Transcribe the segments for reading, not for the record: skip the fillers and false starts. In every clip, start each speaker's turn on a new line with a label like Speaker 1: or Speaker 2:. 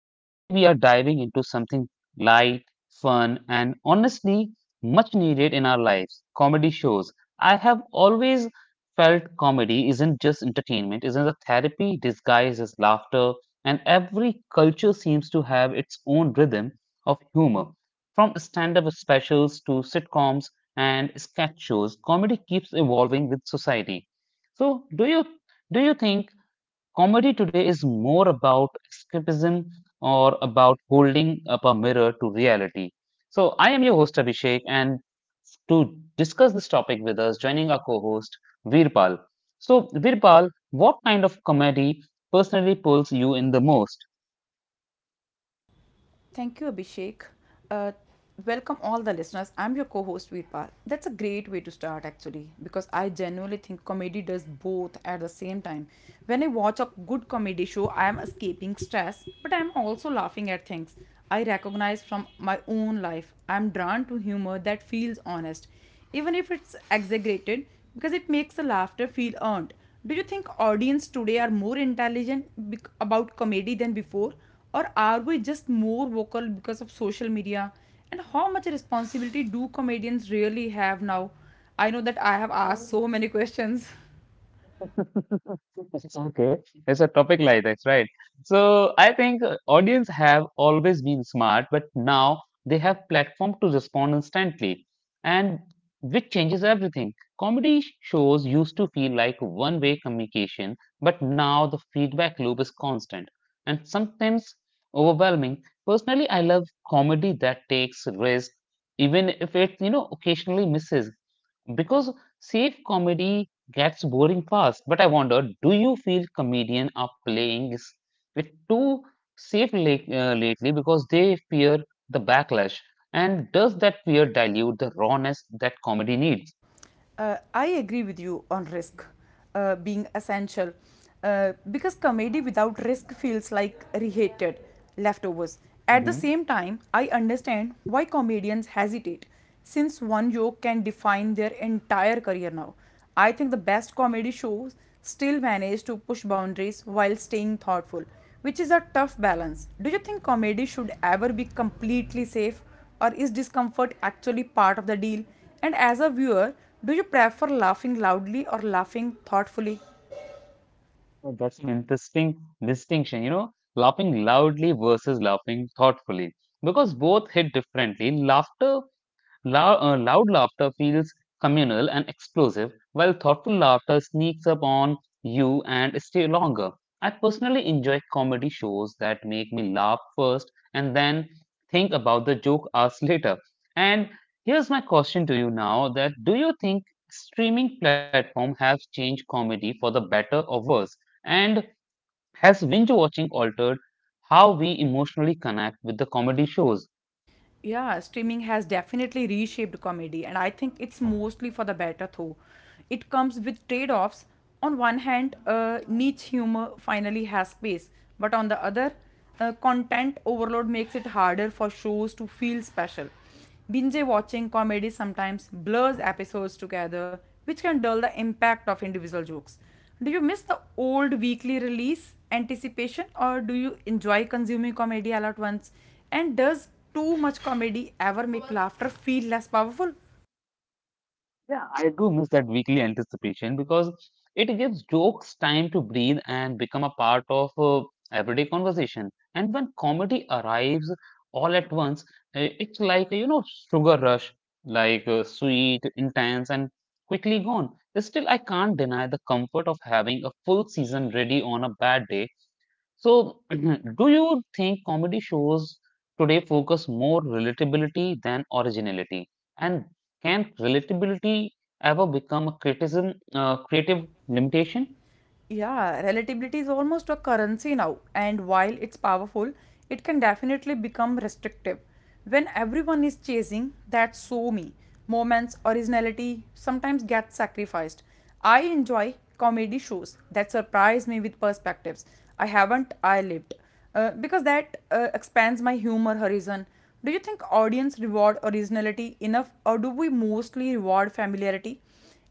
Speaker 1: And today we are diving into something light, fun, and honestly much needed in our lives comedy shows. I have always felt comedy isn't just entertainment, it's a therapy disguised as laughter, and every culture seems to have its own rhythm of humor. From stand up specials to sitcoms and sketch shows, comedy keeps evolving with society. So, do you think Comedy today is more about escapism or about holding up a mirror to reality. So, I am your host Abhishek, and to discuss this topic with us, joining our co host Veerpal. So, Veerpal, what kind of comedy personally pulls you in the most?
Speaker 2: Thank you, Abhishek. Uh, Welcome all the listeners. I'm your co-host Veerpal. That's a great way to start actually, because I genuinely think comedy does both at the same time. When I watch a good comedy show, I am escaping stress, but I'm also laughing at things I recognize from my own life. I'm drawn to humor that feels honest, even if it's exaggerated, because it makes the laughter feel earned. Do you think audience today are more intelligent about comedy than before? Or are we just more vocal because of social media? And how much responsibility do comedians really have now? I know that I have asked so many questions.
Speaker 1: Okay, it's a topic like this, right? So I think audience have always been smart, but now they have platform to respond instantly, and which changes everything. Comedy shows used to feel like one-way communication, but now the feedback loop is constant and sometimes overwhelming. Personally, I love comedy that takes risk, even if it occasionally misses. Because safe comedy gets boring fast. But I wonder, do you feel comedians are playing with too safe late, lately because they fear the backlash? And does that fear dilute the rawness that comedy needs?
Speaker 2: I agree with you on risk being essential because comedy without risk feels like reheated leftovers. At the
Speaker 1: Hmm.
Speaker 2: same time, I understand why comedians hesitate since one joke can define their entire career now. I think the best comedy shows still manage to push boundaries while staying thoughtful, which is a tough balance. Do you think comedy should ever be completely safe or is discomfort actually part of the deal? And as a viewer, do you prefer laughing loudly or laughing thoughtfully?
Speaker 1: That's an interesting distinction, you know, laughing loudly versus laughing thoughtfully. Because both hit differently. Loud laughter feels communal and explosive, while thoughtful laughter sneaks up on you and stay longer. I personally enjoy comedy shows that make me laugh first and then think about the joke hours later. And here's my question to you now that do you think streaming platform has changed comedy for the better or worse? And has binge watching altered how we emotionally connect with the comedy shows?
Speaker 2: Yeah, streaming has definitely reshaped comedy, and I think it's mostly for the better, though. It comes with trade offs. On one hand, niche humor finally has space, but on the other, content overload makes it harder for shows to feel special. Binge watching comedy sometimes blurs episodes together, which can dull the impact of individual jokes. Do you miss the old weekly release anticipation or do you enjoy consuming comedy all at once? And does too much comedy ever make laughter feel less powerful?
Speaker 1: Yeah, I do miss that weekly anticipation because it gives jokes time to breathe and become a part of everyday conversation. And when comedy arrives all at once, it's like, you know, sugar rush, like sweet, intense, and quickly gone. Still, I can't deny the comfort of having a full season ready on a bad day so, do you think comedy shows today focus more relatability than originality? And can relatability ever become a criticism, creative limitation?
Speaker 2: Yeah, relativity is almost a currency now, and while it's powerful, it can definitely become restrictive. When everyone is chasing that so me, moments, originality sometimes get sacrificed. I enjoy comedy shows that surprise me with perspectives I haven't I lived, because that expands my humor horizon. Do you think audience reward originality enough, or do we mostly reward familiarity?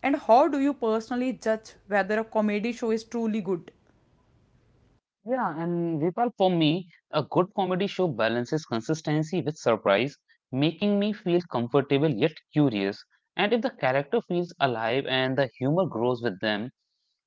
Speaker 2: And how do you personally judge whether a comedy show is truly good?
Speaker 1: Yeah, and Vipal, for me, a good comedy show balances consistency with surprise, making me feel comfortable yet curious. And if the character feels alive and the humor grows with them,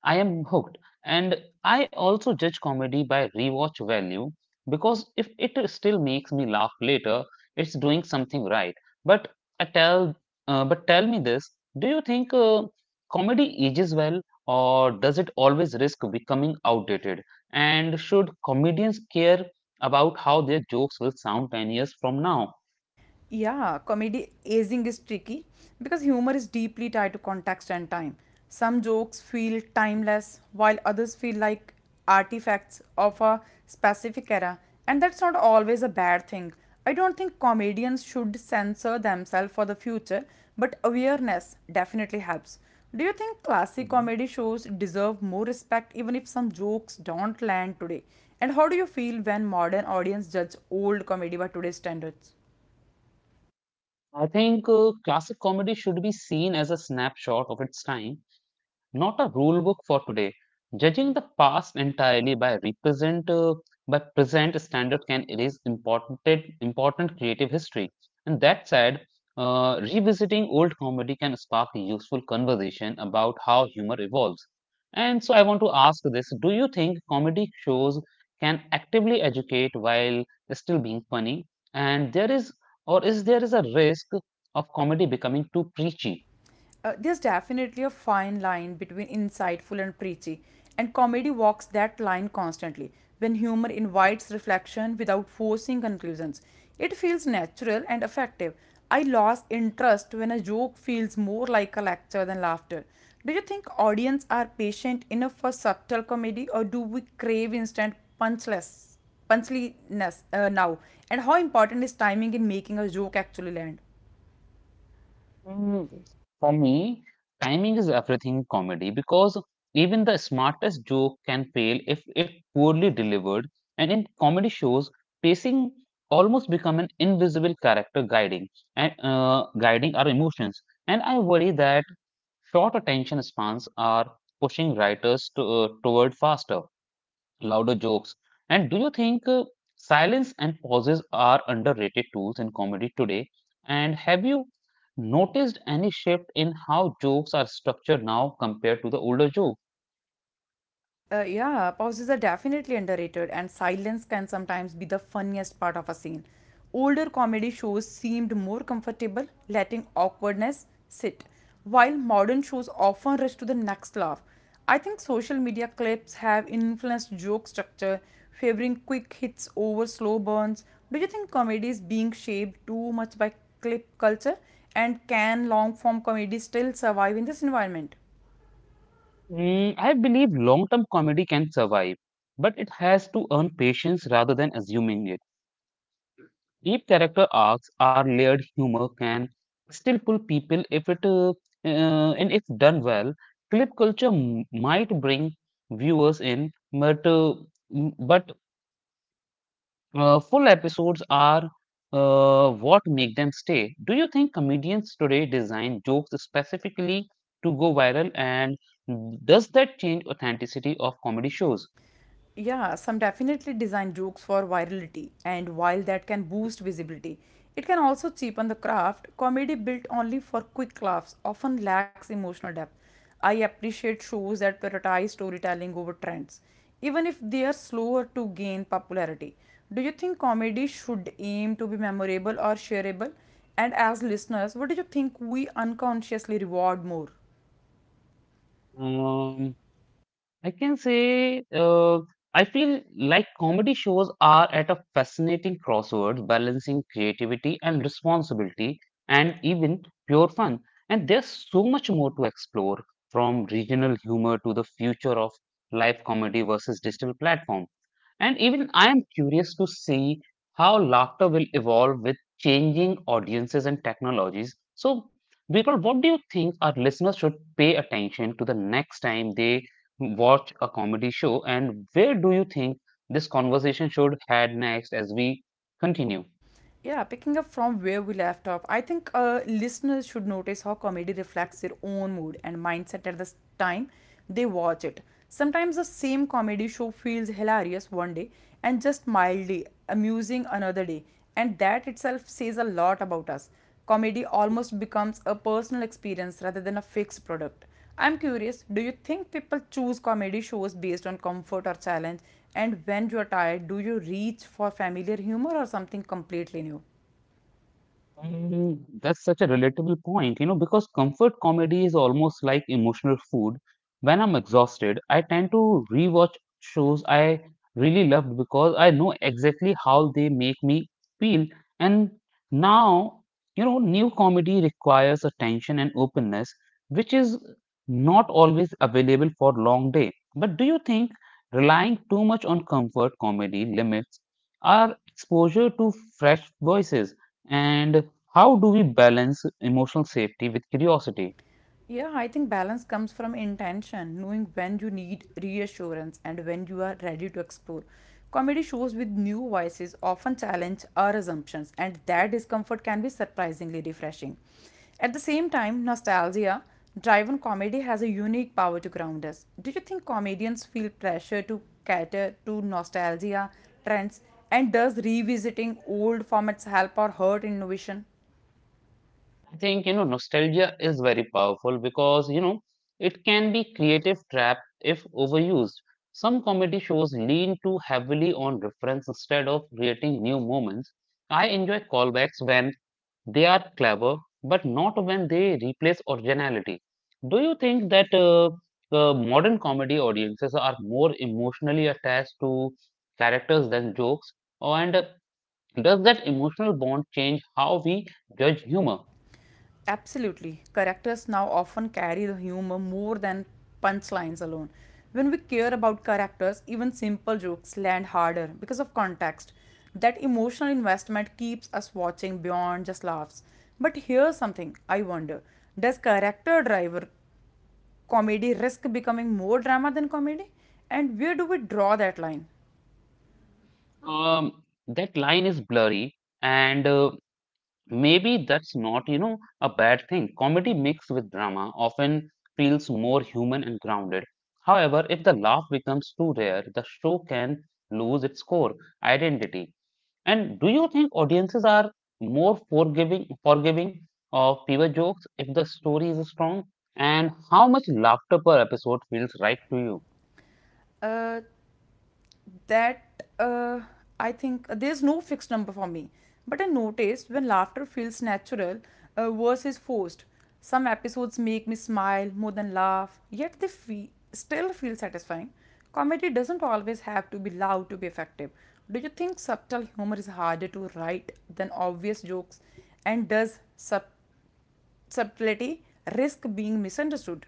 Speaker 1: I am hooked. And I also judge comedy by rewatch value because if it still makes me laugh later, it's doing something right. But I tell, but tell me this: Do you think comedy ages well, or does it always risk becoming outdated? And should comedians care about how their jokes will sound 10 years from now?
Speaker 2: Yeah, comedy aging is tricky because humor is deeply tied to context and time. Some jokes feel timeless, while others feel like artifacts of a specific era, and that's not always a bad thing. I don't think comedians should censor themselves for the future, but awareness definitely helps. Do you think classic
Speaker 1: Mhm.
Speaker 2: comedy shows deserve more respect even if some jokes don't land today? And how do you feel when modern audience judge old comedy by today's standards?
Speaker 1: I think classic comedy should be seen as a snapshot of its time not a rule book for today. Judging the past entirely by present standard can erase important creative history. And that said, revisiting old comedy can spark a useful conversation about how humor evolves. And so I want to ask this: Do you think comedy shows can actively educate while still being funny? And there is, or is there is a risk of comedy becoming too preachy?
Speaker 2: There's definitely a fine line between insightful and preachy, and comedy walks that line constantly. When humor invites reflection without forcing conclusions, it feels natural and effective. I lost interest when a joke feels more like a lecture than laughter. Do you think audience are patient enough for subtle comedy, or do we crave instant punchless punchliness now? And how important is timing in making a joke actually land?
Speaker 1: Mm, for me, timing is everything in comedy because even the smartest joke can fail if it poorly delivered. And in comedy shows, pacing almost become an invisible character guiding our emotions. And I worry that short attention spans are pushing writers toward faster louder jokes. And do you think silence and pauses are underrated tools in comedy today? And have you noticed any shift in how jokes are structured now compared to the older joke?
Speaker 2: Yeah, pauses are definitely underrated, and silence can sometimes be the funniest part of a scene. Older comedy shows seemed more comfortable letting awkwardness sit, while modern shows often rush to the next laugh. I think social media clips have influenced joke structure, favoring quick hits over slow burns. Do you think comedy is being shaped too much by clip culture? And can long form comedy still survive in this environment?
Speaker 1: Mm, I believe long term comedy can survive, but it has to earn patience rather than assuming it. Deep character arcs are layered humor can still pull people if it and if done well. Clip culture might bring viewers in, but full episodes are what make them stay. Do you think comedians today design jokes specifically to go viral, and does that change authenticity of comedy shows?
Speaker 2: Yeah, some definitely design jokes for virality, and while that can boost visibility, it can also cheapen the craft. Comedy built only for quick laughs often lacks emotional depth. I appreciate shows that prioritize storytelling over trends, even if they are slower to gain popularity. Do you think comedy should aim to be memorable or shareable? And as listeners, what do you think we unconsciously reward more?
Speaker 1: Um, I can say I feel like comedy shows are at a fascinating crossroads, balancing creativity and responsibility, and even pure fun. And there's so much more to explore, from regional humor to the future of live comedy versus digital platform. And even I am curious to see how laughter will evolve with changing audiences and technologies. So, Birpal, what do you think our listeners should pay attention to the next time they watch a comedy show and where do you think this conversation should head next as we continue.
Speaker 2: Yeah, picking up from where we left off, I think listeners should notice how comedy reflects their own mood and mindset at the time they watch it. Sometimes the same comedy show feels hilarious one day and just mildly amusing another day, and that itself says a lot about us. Comedy almost becomes a personal experience rather than a fixed product. I'm curious, do you think people choose comedy shows based on comfort or challenge? And when you're tired, do you reach for familiar humor or something completely new?
Speaker 1: Mm, that's such a relatable point, you know, because comfort comedy is almost like emotional food. When I'm exhausted, I tend to rewatch shows I really loved because I know exactly how they make me feel. And now, you know, new comedy requires attention and openness, which is not always available for long day. But do you think relying too much on comfort comedy limits our exposure to fresh voices? And how do we balance emotional safety with curiosity?
Speaker 2: Yeah, I think balance comes from intention, knowing when you need reassurance and when you are ready to explore. Comedy shows with new voices often challenge our assumptions, and that discomfort can be surprisingly refreshing. At the same time, nostalgia driven comedy has a unique power to ground us. Do you think comedians feel pressure to cater to nostalgia trends? And does revisiting old formats help or hurt innovation?
Speaker 1: I think, you know, nostalgia is very powerful because, you know, it can be creative trap if overused. Some comedy shows lean too heavily on reference instead of creating new moments. I enjoy callbacks when they are clever, but not when they replace originality. Do you think that modern comedy audiences are more emotionally attached to characters than jokes? And Does that emotional bond change how we judge humor?
Speaker 2: Absolutely. Characters now often carry the humor more than punchlines alone. When we care about characters, even simple jokes land harder because of context. That emotional investment keeps us watching beyond just laughs. But here's something I wonder: does character driver comedy risk becoming more drama than comedy? And where do we draw that line?
Speaker 1: That line is blurry, and maybe that's not, you know, a bad thing. Comedy mixed with drama often feels more human and grounded. However, if the laugh becomes too rare, the show can lose its core identity. And do you think audiences are more forgiving of fewer jokes if the story is strong? And how much laughter per episode feels right to you?
Speaker 2: Uh, that I think there's no fixed number for me. But I noticed when laughter feels natural versus forced. Some episodes make me smile more than laugh, yet they still feel satisfying. Comedy doesn't always have to be loud to be effective. Do you think subtle humor is harder to write than obvious jokes? And does subtlety risk being misunderstood?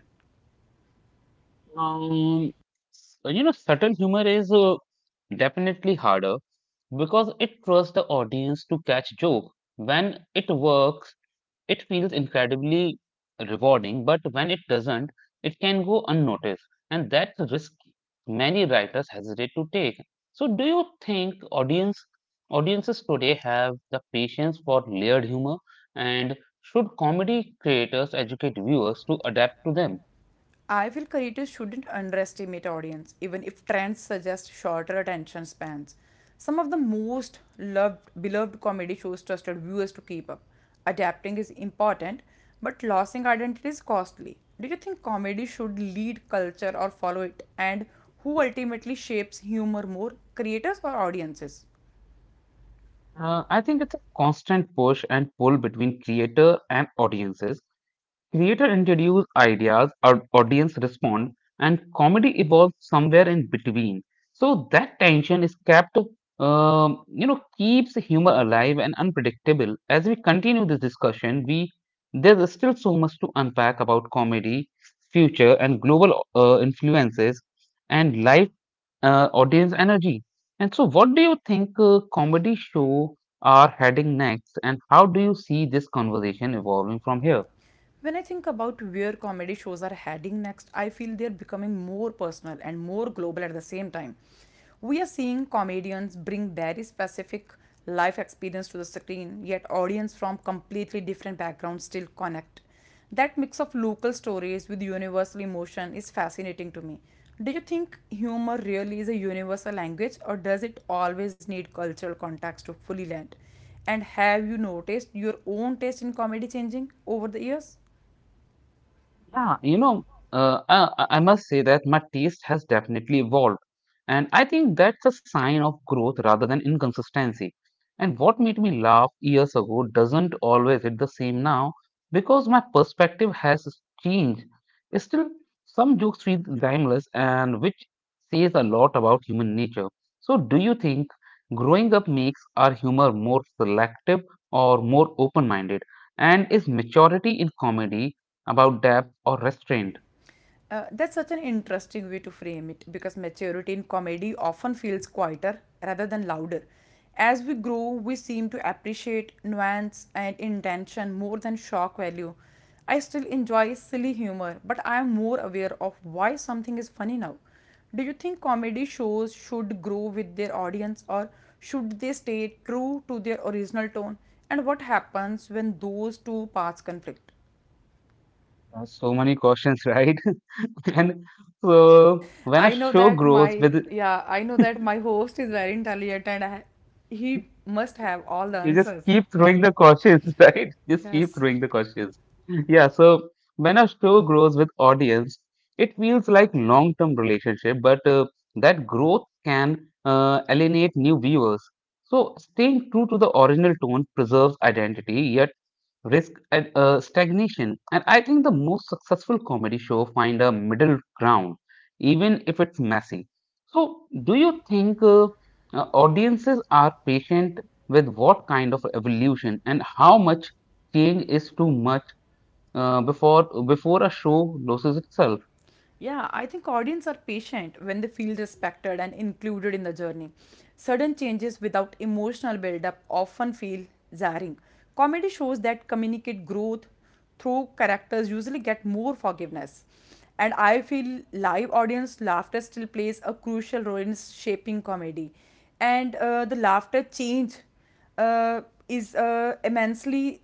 Speaker 1: Um, you know, subtle humor is definitely harder because it trusts the audience to catch joke. When it works, it feels incredibly rewarding, but when it doesn't, it can go unnoticed, and that's a risk many writers hesitate to take. So, do you think audiences today have the patience for layered humor, and should comedy creators educate viewers to adapt to them?
Speaker 2: I feel creators shouldn't underestimate audience, even if trends suggest shorter attention spans. Some of the beloved comedy shows trusted viewers to keep up. Adapting is important, but losing identity is costly. Do you think comedy should lead culture or follow it? And who ultimately shapes humor more, creators or audiences?
Speaker 1: I think it's a constant push and pull between creator and audiences. Creator introduce ideas, our audience respond, and comedy evolves somewhere in between. So that tension is kept, you know, keeps humor alive and unpredictable. As we continue this discussion, we there's still so much to unpack about comedy, future, and global influences, and life audience energy. And so, what do you think comedy show are heading next, and how do you see this conversation evolving from here?
Speaker 2: When I think about where comedy shows are heading next, I feel they're becoming more personal and more global at the same time. We are seeing comedians bring very specific life experience to the screen, yet audience from completely different backgrounds still connect. That mix of local stories with universal emotion is fascinating to me. Do you think humor really is a universal language or does it always need cultural context to fully land? And have you noticed your own taste in comedy changing over the years?
Speaker 1: Yeah, you know, I must say that my taste has definitely evolved. And I think that's a sign of growth rather than inconsistency. And what made me laugh years ago doesn't always hit the same now because my perspective has changed. Still, some jokes feel timeless and which says a lot about human nature. So, do you think growing up makes our humor more selective or more open-minded? And is maturity in comedy about depth or restraint?
Speaker 2: That's such an interesting way to frame it because maturity in comedy often feels quieter rather than louder. As we grow, we seem to appreciate nuance and intention more than shock value. I still enjoy silly humor, but I am more aware of why something is funny now. Do you think comedy shows should grow with their audience or should they stay true to their original tone? And what happens when those two paths conflict?
Speaker 1: There are so many questions, right? And so when a show grows with
Speaker 2: I know that my host is very intelligent he must have all the
Speaker 1: you just
Speaker 2: answers.
Speaker 1: keep throwing the cautions, right? Just keep
Speaker 2: Yes.
Speaker 1: throwing the cautions. Yeah, so when a show grows with audience, it feels like long-term relationship, but that growth can uh, alienate new viewers. So staying true to the original tone preserves identity, yet risk and stagnation. And I think the most successful comedy show find a middle ground, even if it's messy. So, do you think audiences are patient with what kind of evolution and how much change is too much before a show loses itself?
Speaker 2: Yeah, I think audience are patient when they feel respected and included in the journey. Sudden changes without emotional build-up often feel jarring. Comedy shows that communicate growth through characters usually get more forgiveness. And I feel live audience laughter still plays a crucial role in shaping comedy. And the laughter change uh, is immensely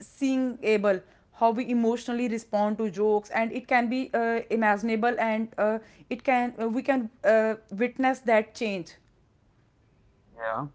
Speaker 2: seeing able how we emotionally respond to jokes and it can be imaginable and it can we can witness that change.
Speaker 1: Yeah.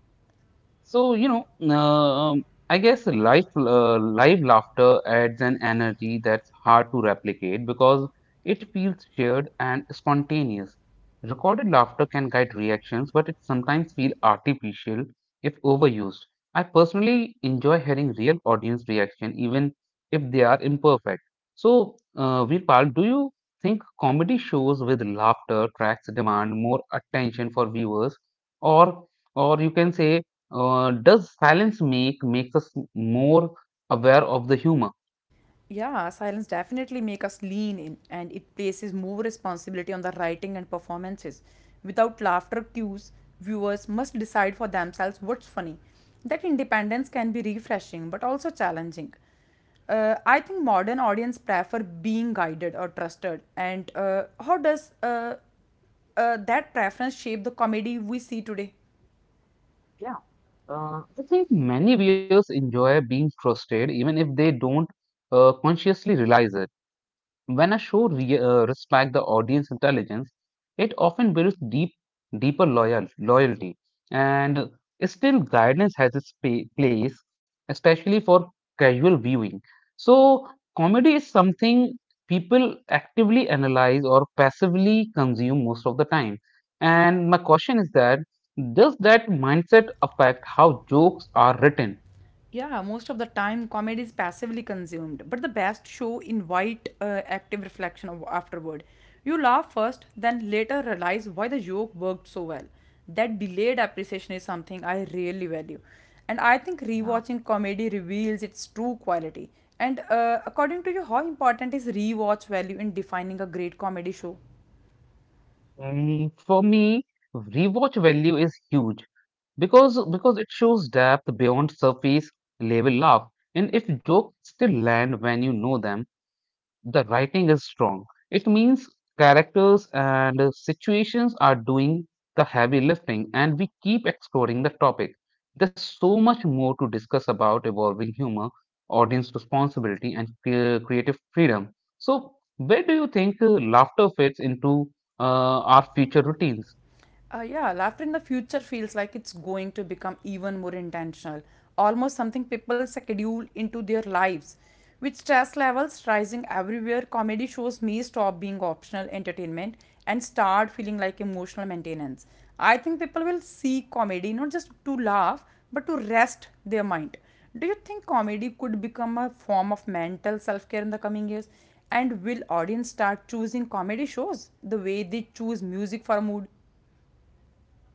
Speaker 1: So, you know, I guess live laughter adds an energy that's hard to replicate because it feels shared and spontaneous. Recorded laughter can guide reactions, but it sometimes feels artificial if overused. I personally enjoy hearing real audience reaction, even if they are imperfect. So, Virpal, do you think comedy shows with laughter tracks demand more attention for viewers, or or you can say does silence makes us more aware of the humor?
Speaker 2: Yeah, silence definitely make us lean in, and it places more responsibility on the writing and performances without laughter cues. Viewers must decide for themselves what's funny. That independence can be refreshing but also challenging. I think modern audience prefer being guided or trusted. And how does that preference shaped the comedy we see today.
Speaker 1: Yeah, I think many viewers enjoy being frustrated even if they don't consciously realize it. When a show respects the audience intelligence, it often builds deeper loyalty. And still, guidance has its place, especially for casual viewing. So, comedy is something people actively analyze or passively consume most of the time. And my question is that does that mindset affect how jokes are written?
Speaker 2: Yeah, most of the time comedy is passively consumed, but the best show invite active reflection of afterward. You laugh first, then later realize why the joke worked so well. That delayed appreciation is something I really value, and I think
Speaker 1: Yeah.
Speaker 2: rewatching comedy reveals its true quality. And according to you, how important is rewatch value in defining a great comedy show?
Speaker 1: For me, rewatch value is huge. Because it shows depth beyond surface level laugh. And if jokes still land when you know them, the writing is strong. It means characters and situations are doing the heavy lifting, and we keep exploring the topic. There's so much more to discuss about evolving humor, audience responsibility, and creative freedom. So, where do you think laughter fits into our future routines?
Speaker 2: Yeah, laughter in the future feels like it's going to become even more intentional, almost something people schedule into their lives. With stress levels rising everywhere, comedy shows may stop being optional entertainment and start feeling like emotional maintenance. I think people will see comedy not just to laugh but to rest their mind. Do you think comedy could become a form of mental self care in the coming years? And will audience start choosing comedy shows the way they choose music for mood?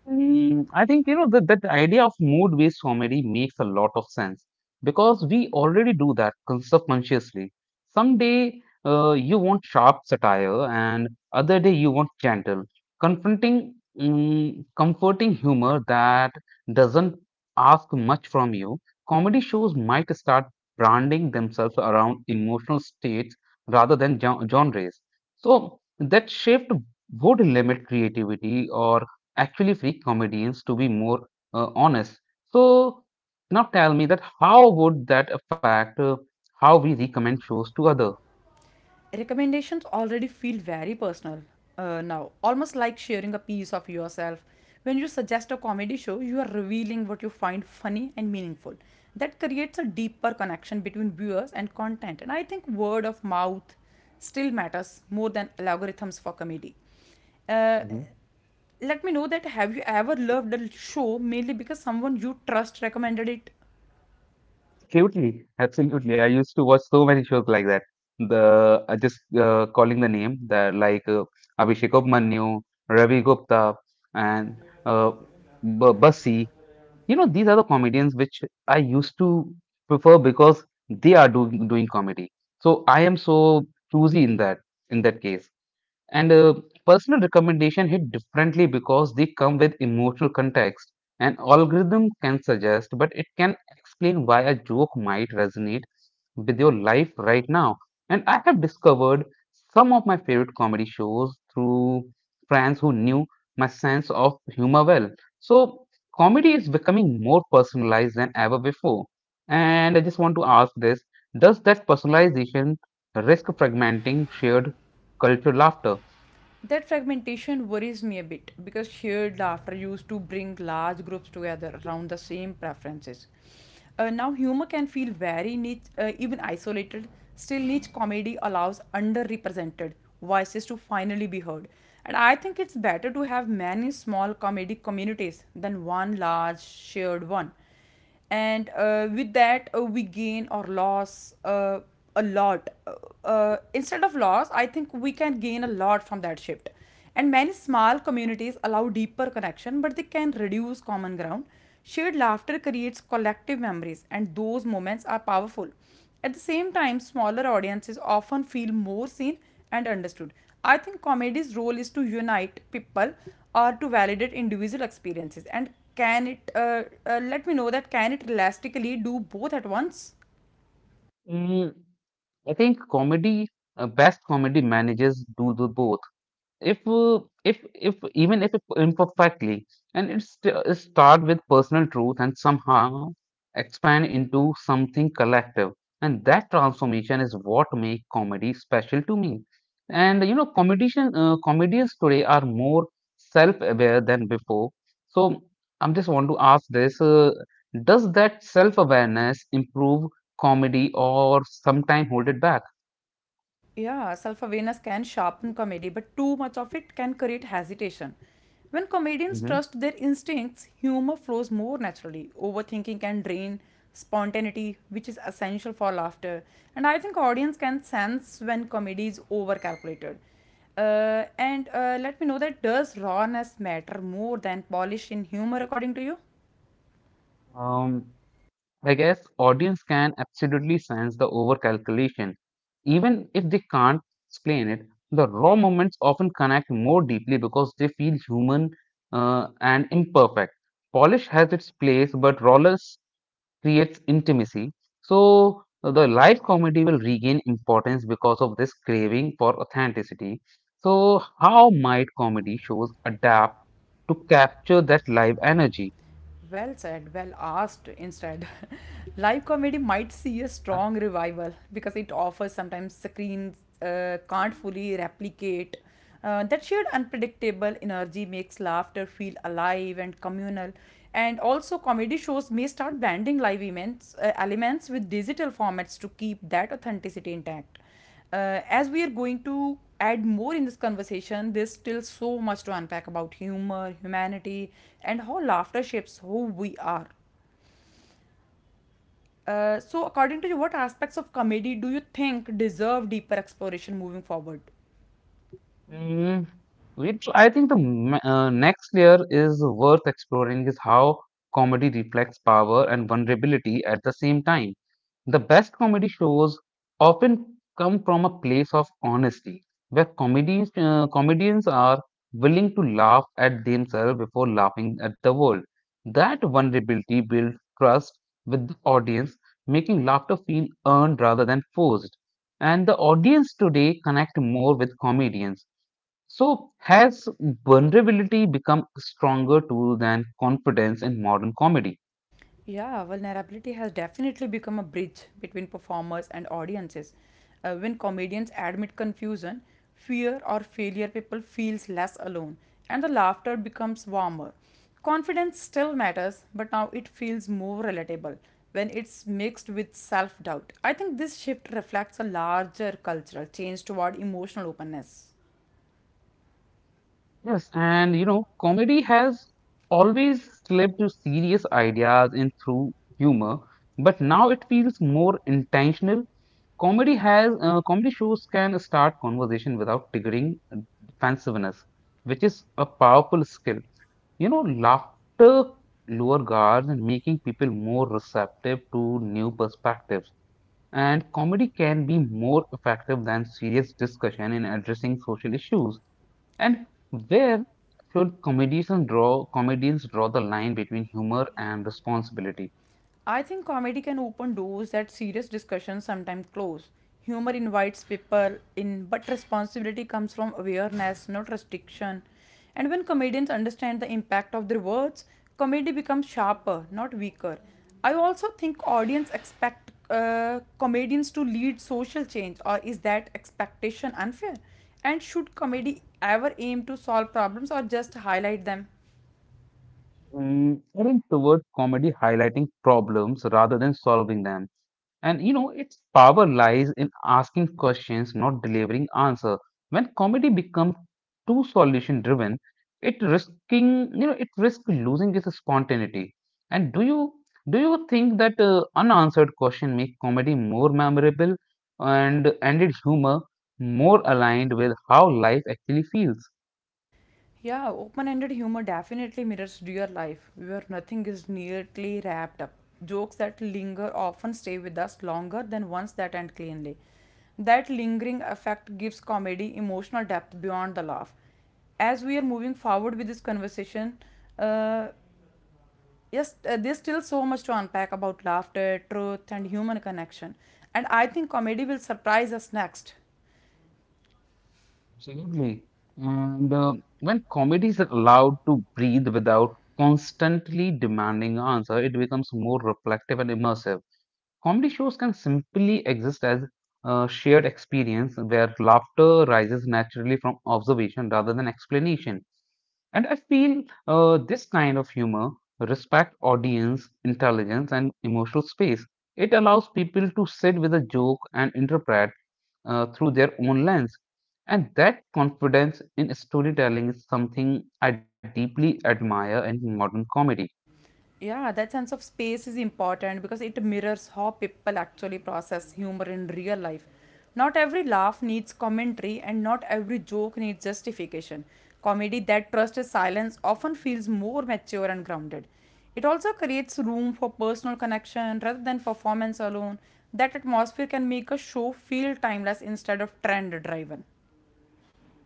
Speaker 1: I think you know that idea of mood-based comedy makes a lot of sense because we already do that subconsciously. Some day you want sharp satire, and other day you want gentle, confronting, comforting humor that doesn't ask much from you. Comedy shows might start branding themselves around emotional states rather than genres. So that shift would limit creativity or actually free comedians to be more honest. So now tell me that how would that affect how we recommend shows to other?
Speaker 2: Recommendations already feel very personal now, almost like sharing a piece of yourself. When you suggest a comedy show, you are revealing what you find funny and meaningful. That creates a deeper connection between viewers and content. And I think word of mouth still matters more than algorithms for comedy. Uh,
Speaker 1: Mhm.
Speaker 2: Let me know, that have you ever loved a show mainly because someone you trust recommended it?
Speaker 1: Absolutely, absolutely. I used to watch so many shows like that. The just calling the name, the like Abhishek Abhimanyu, Ravi Gupta, and uh, B Bassi. You know, these are the comedians which I used to prefer because they are doing comedy. So I am so choosy in that case. And personal recommendation hit differently because they come with emotional context. An algorithm can suggest, but it can explain why a joke might resonate with your life right now. And I have discovered some of my favorite comedy shows through friends who knew my sense of humor well. So comedy is becoming more personalized than ever before. And I just want to ask this, does that personalization risk fragmenting shared cultural laughter?
Speaker 2: That fragmentation worries me a bit because shared laughter used to bring large groups together around the same preferences. Now, humor can feel very niche, even isolated. Still, niche comedy allows underrepresented voices to finally be heard. And I think it's better to have many small comedy communities than one large shared one, and with that, we gain or loss, a lot instead of loss I think we can gain a lot from that shift. And many small communities allow deeper connection, but they can reduce common ground. Shared laughter creates collective memories, and those moments are powerful. At the same time, smaller audiences often feel more seen and understood. I think comedy's role is to unite people or to validate individual experiences. And can it let me know that can it elastically do both at once?
Speaker 1: Mm, I think comedy, best comedy manages do the both if even if imperfectly, and it start with personal truth and somehow expand into something collective, and that transformation is what make comedy special to me. And you know comedians today are more self aware than before. So I'm just want to ask this, does that self awareness improve comedy or sometime hold it back?
Speaker 2: Yeah, self-awareness can sharpen comedy, but too much of it can create hesitation. When comedians
Speaker 1: Hmm.
Speaker 2: trust their instincts, humor flows more naturally. Overthinking can drain spontaneity, which is essential for laughter. And I think audience can sense when comedy is over calculated. And let me know that does rawness matter more than polish in humor, according to you?
Speaker 1: Um, I guess audience can absolutely sense the overcalculation. Even if they can't explain it, the raw moments often connect more deeply because they feel human and imperfect. Polish has its place, but rawness creates intimacy. So the live comedy will regain importance because of this craving for authenticity. So how might comedy shows adapt to capture that live energy?
Speaker 2: Well said, well asked instead. Live comedy might see a
Speaker 1: Yeah.
Speaker 2: strong revival because it offers sometimes screens can't fully replicate. That shared unpredictable energy makes laughter feel alive and communal. And also, comedy shows may start blending live events, elements with digital formats to keep that authenticity intact. As we are going to add more in this conversation, there's still so much to unpack about humor, humanity, and how laughter shapes who we are. So, according to you, what aspects of comedy do you think deserve deeper exploration moving forward?
Speaker 1: Mm, which I think the next layer is worth exploring is how comedy reflects power and vulnerability at the same time. The best comedy shows often come from a place of honesty, where comedians are willing to laugh at themselves before laughing at the world. That vulnerability builds trust with the audience, making laughter feel earned rather than forced. And the audience today connect more with comedians, so, has vulnerability become a stronger tool than confidence in modern comedy?
Speaker 2: Yeah, vulnerability has definitely become a bridge between performers and audiences. When comedians admit confusion, fear, or failure, people feels less alone, and the laughter becomes warmer. Confidence still matters, but now it feels more relatable when it's mixed with self doubt. I think this shift reflects a larger cultural change toward emotional openness.
Speaker 1: Yes, and you know, comedy has always slipped to serious ideas and through humor, but now it feels more intentional. Comedy shows can start conversation without triggering defensiveness, which is a powerful skill. You know, laughter lower guards and making people more receptive to new perspectives. And comedy can be more effective than serious discussion in addressing social issues. And where should comedians draw the line between humor and responsibility?
Speaker 2: I think comedy can open doors that serious discussions sometimes close. Humor invites people in, but responsibility comes from awareness, not restriction. And when comedians understand the impact of their words, comedy becomes sharper, not weaker. I also think audience expect comedians to lead social change, or is that expectation unfair? And should comedy ever aim to solve problems or just highlight them?
Speaker 1: Heading towards comedy highlighting problems rather than solving them. And you know, its power lies in asking questions, not delivering answer. When comedy becomes too solution driven, it risking you know it risks losing its spontaneity. And do you think that unanswered question make comedy more memorable and its humor more aligned with how life actually feels?
Speaker 2: Yeah, open ended humor definitely mirrors real life, where nothing is neatly wrapped up. Jokes that linger often stay with us longer than ones that end cleanly. That lingering effect gives comedy emotional depth beyond the laugh. As we are moving forward with this conversation, uh, yes, there's still so much to unpack about laughter, truth, and human connection. And I think comedy will surprise us next.
Speaker 1: Absolutely. And when comedy is allowed to breathe without constantly demanding answer, it becomes more reflective and immersive. Comedy shows can simply exist as a shared experience where laughter rises naturally from observation rather than explanation. And I feel this kind of humor respects audience intelligence and emotional space. It allows people to sit with a joke and interpret through their own lens. And that confidence in storytelling is something I deeply admire in modern comedy.
Speaker 2: Yeah, that sense of space is important because it mirrors how people actually process humor in real life. Not every laugh needs commentary, and not every joke needs justification. Comedy that trusts silence often feels more mature and grounded. It also creates room for personal connection rather than performance alone. That atmosphere can make a show feel timeless instead of trend driven.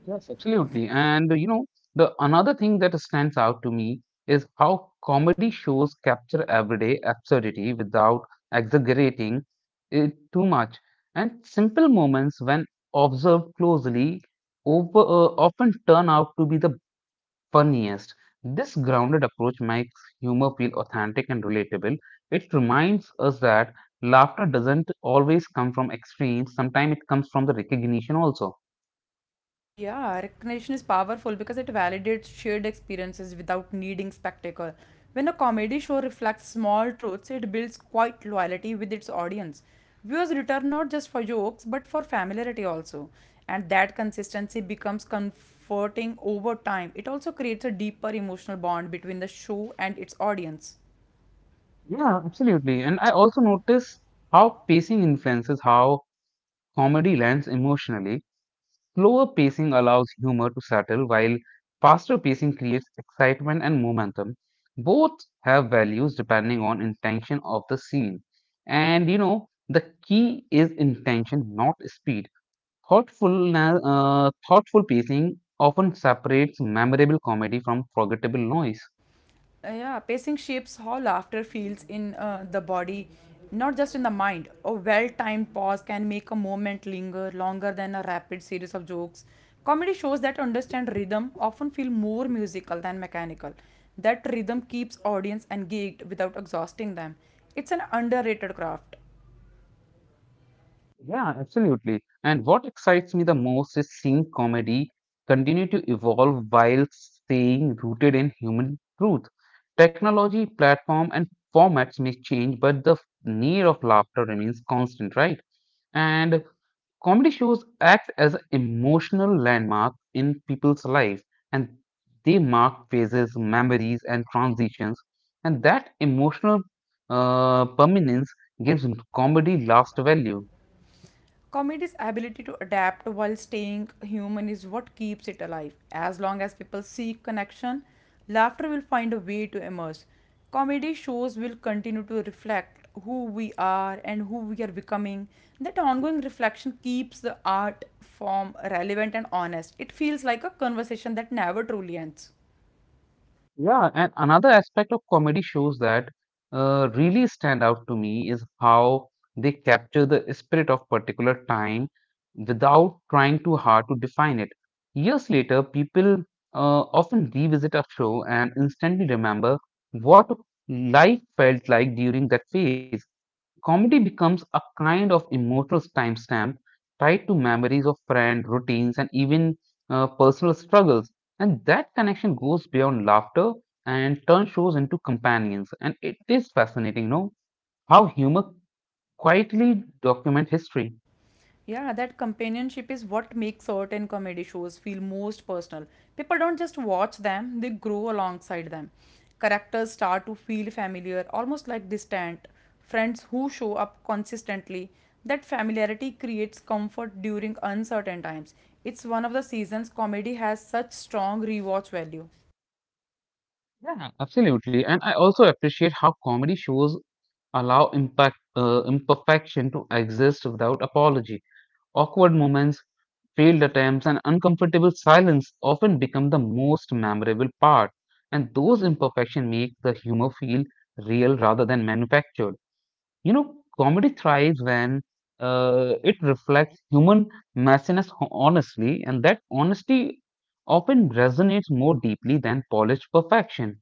Speaker 1: Yes, absolutely. And you know, the another thing that stands out to me is how comedy shows capture everyday absurdity without exaggerating it too much. And simple moments, when observed closely, often turn out to be the funniest. This grounded approach makes humor feel authentic and relatable. It reminds us that laughter doesn't always come from extremes, sometimes it comes from the recognition also.
Speaker 2: Yeah, recognition is powerful because it validates shared experiences without needing spectacle. When a comedy show reflects small truths, it builds quite loyalty with its audience. Viewers return not just for jokes but for familiarity also. And that consistency becomes comforting over time. It also creates a deeper emotional bond between the show and its audience.
Speaker 1: Yeah, absolutely. And I also notice how pacing influences how comedy lands emotionally. Slower pacing allows humor to settle, while faster pacing creates excitement and momentum. Both have values depending on intention of the scene. And you know, the key is intention, not speed. Thoughtful pacing often separates memorable comedy from forgettable noise.
Speaker 2: Yeah, pacing shapes how laughter feels in the body, not just in the mind. A well timed pause can make a moment linger longer than a rapid series of jokes. Comedy shows that understand rhythm often feel more musical than mechanical. That rhythm keeps audience engaged without exhausting them. It's an underrated craft.
Speaker 1: Yeah, absolutely. And what excites me the most is seeing comedy continue to evolve while staying rooted in human truth. Technology, platform, and formats may change, but the need of laughter remains constant, right? And comedy shows act as an emotional landmark in people's life, and they mark phases, memories, and transitions. And that emotional permanence gives comedy last value.
Speaker 2: Comedy's ability to adapt while staying human is what keeps it alive. As long as people seek connection, laughter will find a way to emerge. Comedy shows will continue to reflect who we are and who we are becoming. That ongoing reflection keeps the art form relevant and honest. It feels like a conversation that never truly ends.
Speaker 1: Yeah, and another aspect of comedy shows that really stand out to me is how they capture the spirit of particular time without trying too hard to define it. Years later, people often revisit a show and instantly remember what life felt like during that phase. Comedy becomes a kind of emotional timestamp tied to memories of friends, routines, and even personal struggles. And that connection goes beyond laughter and turns shows into companions. And it is fascinating, no? How humor quietly documents history.
Speaker 2: Yeah, that companionship is what makes certain comedy shows feel most personal. People don't just watch them, they grow alongside them. Characters start to feel familiar, almost like distant friends who show up consistently. That familiarity creates comfort during uncertain times. It's one of the seasons comedy has such strong rewatch value.
Speaker 1: Yeah, absolutely. And I also appreciate how comedy shows allow imperfection to exist without apology. Awkward moments, failed attempts, and uncomfortable silence often become the most memorable part, and those imperfections make the humor feel real rather than manufactured. You know, comedy thrives when it reflects human messiness honestly, and that honesty often resonates more deeply than polished perfection.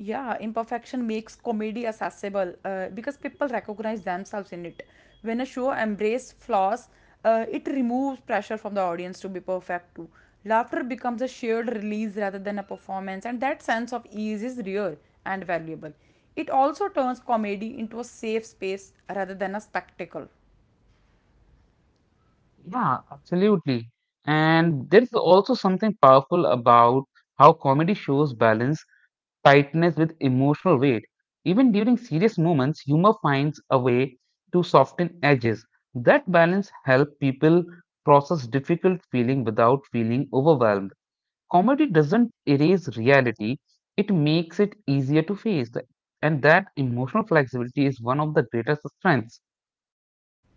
Speaker 2: Yeah, imperfection makes comedy accessible because people recognize themselves in it. When a show embraces flaws, it removes pressure from the audience to be perfect too. Laughter becomes a shared release rather than a performance, and that sense of ease is rare and valuable. It also turns comedy into a safe space rather than a spectacle.
Speaker 1: Yeah, absolutely. And there's also something powerful about how comedy shows balance tightness with emotional weight. Even during serious moments, humor finds a way to soften edges. That balance helps people process difficult feeling without feeling overwhelmed. Comedy doesn't erase reality, it makes it easier to face. And that emotional flexibility is one of the greatest strengths.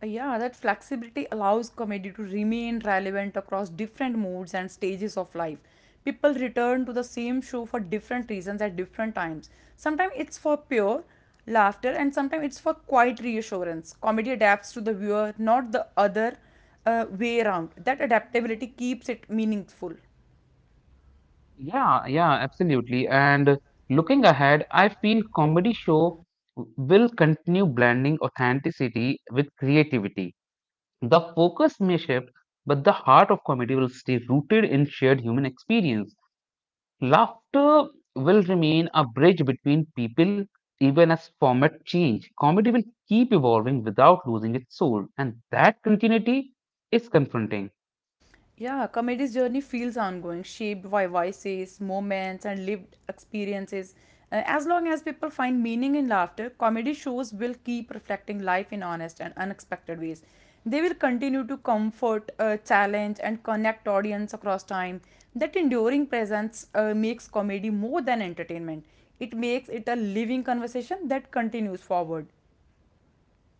Speaker 2: Yeah, that flexibility allows comedy to remain relevant across different moods and stages of life. People return to the same show for different reasons at different times. Sometimes it's for pure laughter, and sometimes it's for quiet reassurance. Comedy adapts to the viewer, not the other way around. That
Speaker 1: Yeah,
Speaker 2: adaptability keeps it meaningful.
Speaker 1: yeah, absolutely. And looking ahead, I feel comedy show will continue blending authenticity with creativity. The focus may shift, but the heart of comedy will stay rooted in shared human experience. Laughter will remain a bridge between people even as format change. Comedy will keep evolving without losing its soul, and that continuity is confronting.
Speaker 2: Yeah, comedy's journey feels ongoing, shaped by voices, moments, and lived experiences. As long as people find meaning in laughter, comedy shows will keep reflecting life in honest and unexpected ways. They will continue to comfort, challenge, and connect audience across time. That enduring presence makes comedy more than entertainment. It makes it a living conversation that continues forward.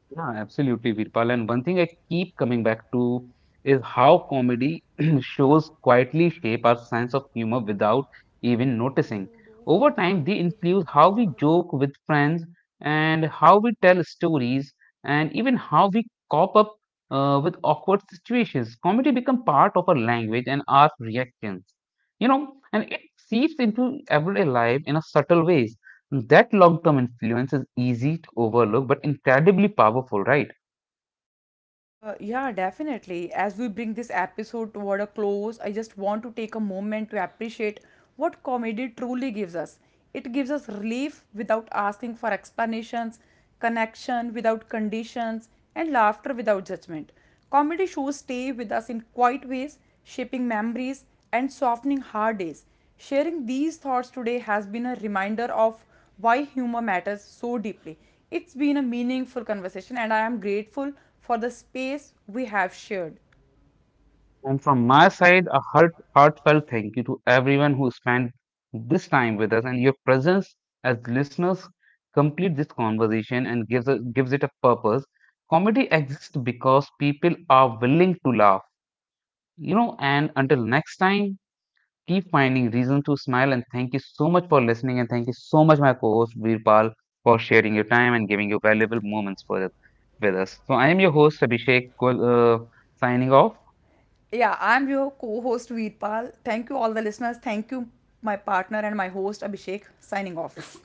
Speaker 1: Yeah, absolutely, Virpal. And one thing I keep coming back to is how comedy shows quietly shape our sense of humor without even noticing. Over time, they influence how we joke with friends and how we tell stories and even how we cop up with awkward situations. Comedy becomes part of our language and our reactions, you know, and it seeps into everyday life in a subtle ways. That long term influence is easy to overlook but incredibly powerful, right?
Speaker 2: Yeah, definitely. As we bring this episode toward a close, I just want to take a moment to appreciate what comedy truly gives us. It gives us relief without asking for explanations, connection without conditions, and laughter without judgment. Comedy shows stay with us in quiet ways, shaping memories and softening hard days. Sharing these thoughts today has been a reminder of why humor matters so deeply. It's been a meaningful conversation, and I am grateful for the space we have shared.
Speaker 1: And from my side, a heartfelt thank you to everyone who spent this time with us and your presence as listeners complete this conversation and gives it a purpose. Comedy exists because people are willing to laugh. You know, and until next time, keep finding reason to smile and thank you so much for listening and thank you so much my co-host Virpal for sharing your time and giving your valuable moments for with us. So I am your host Abhishek, signing off.
Speaker 2: Yeah, I'm your co host Veerpal. Thank you, all the listeners. Thank you, my partner and my host Abhishek, signing off.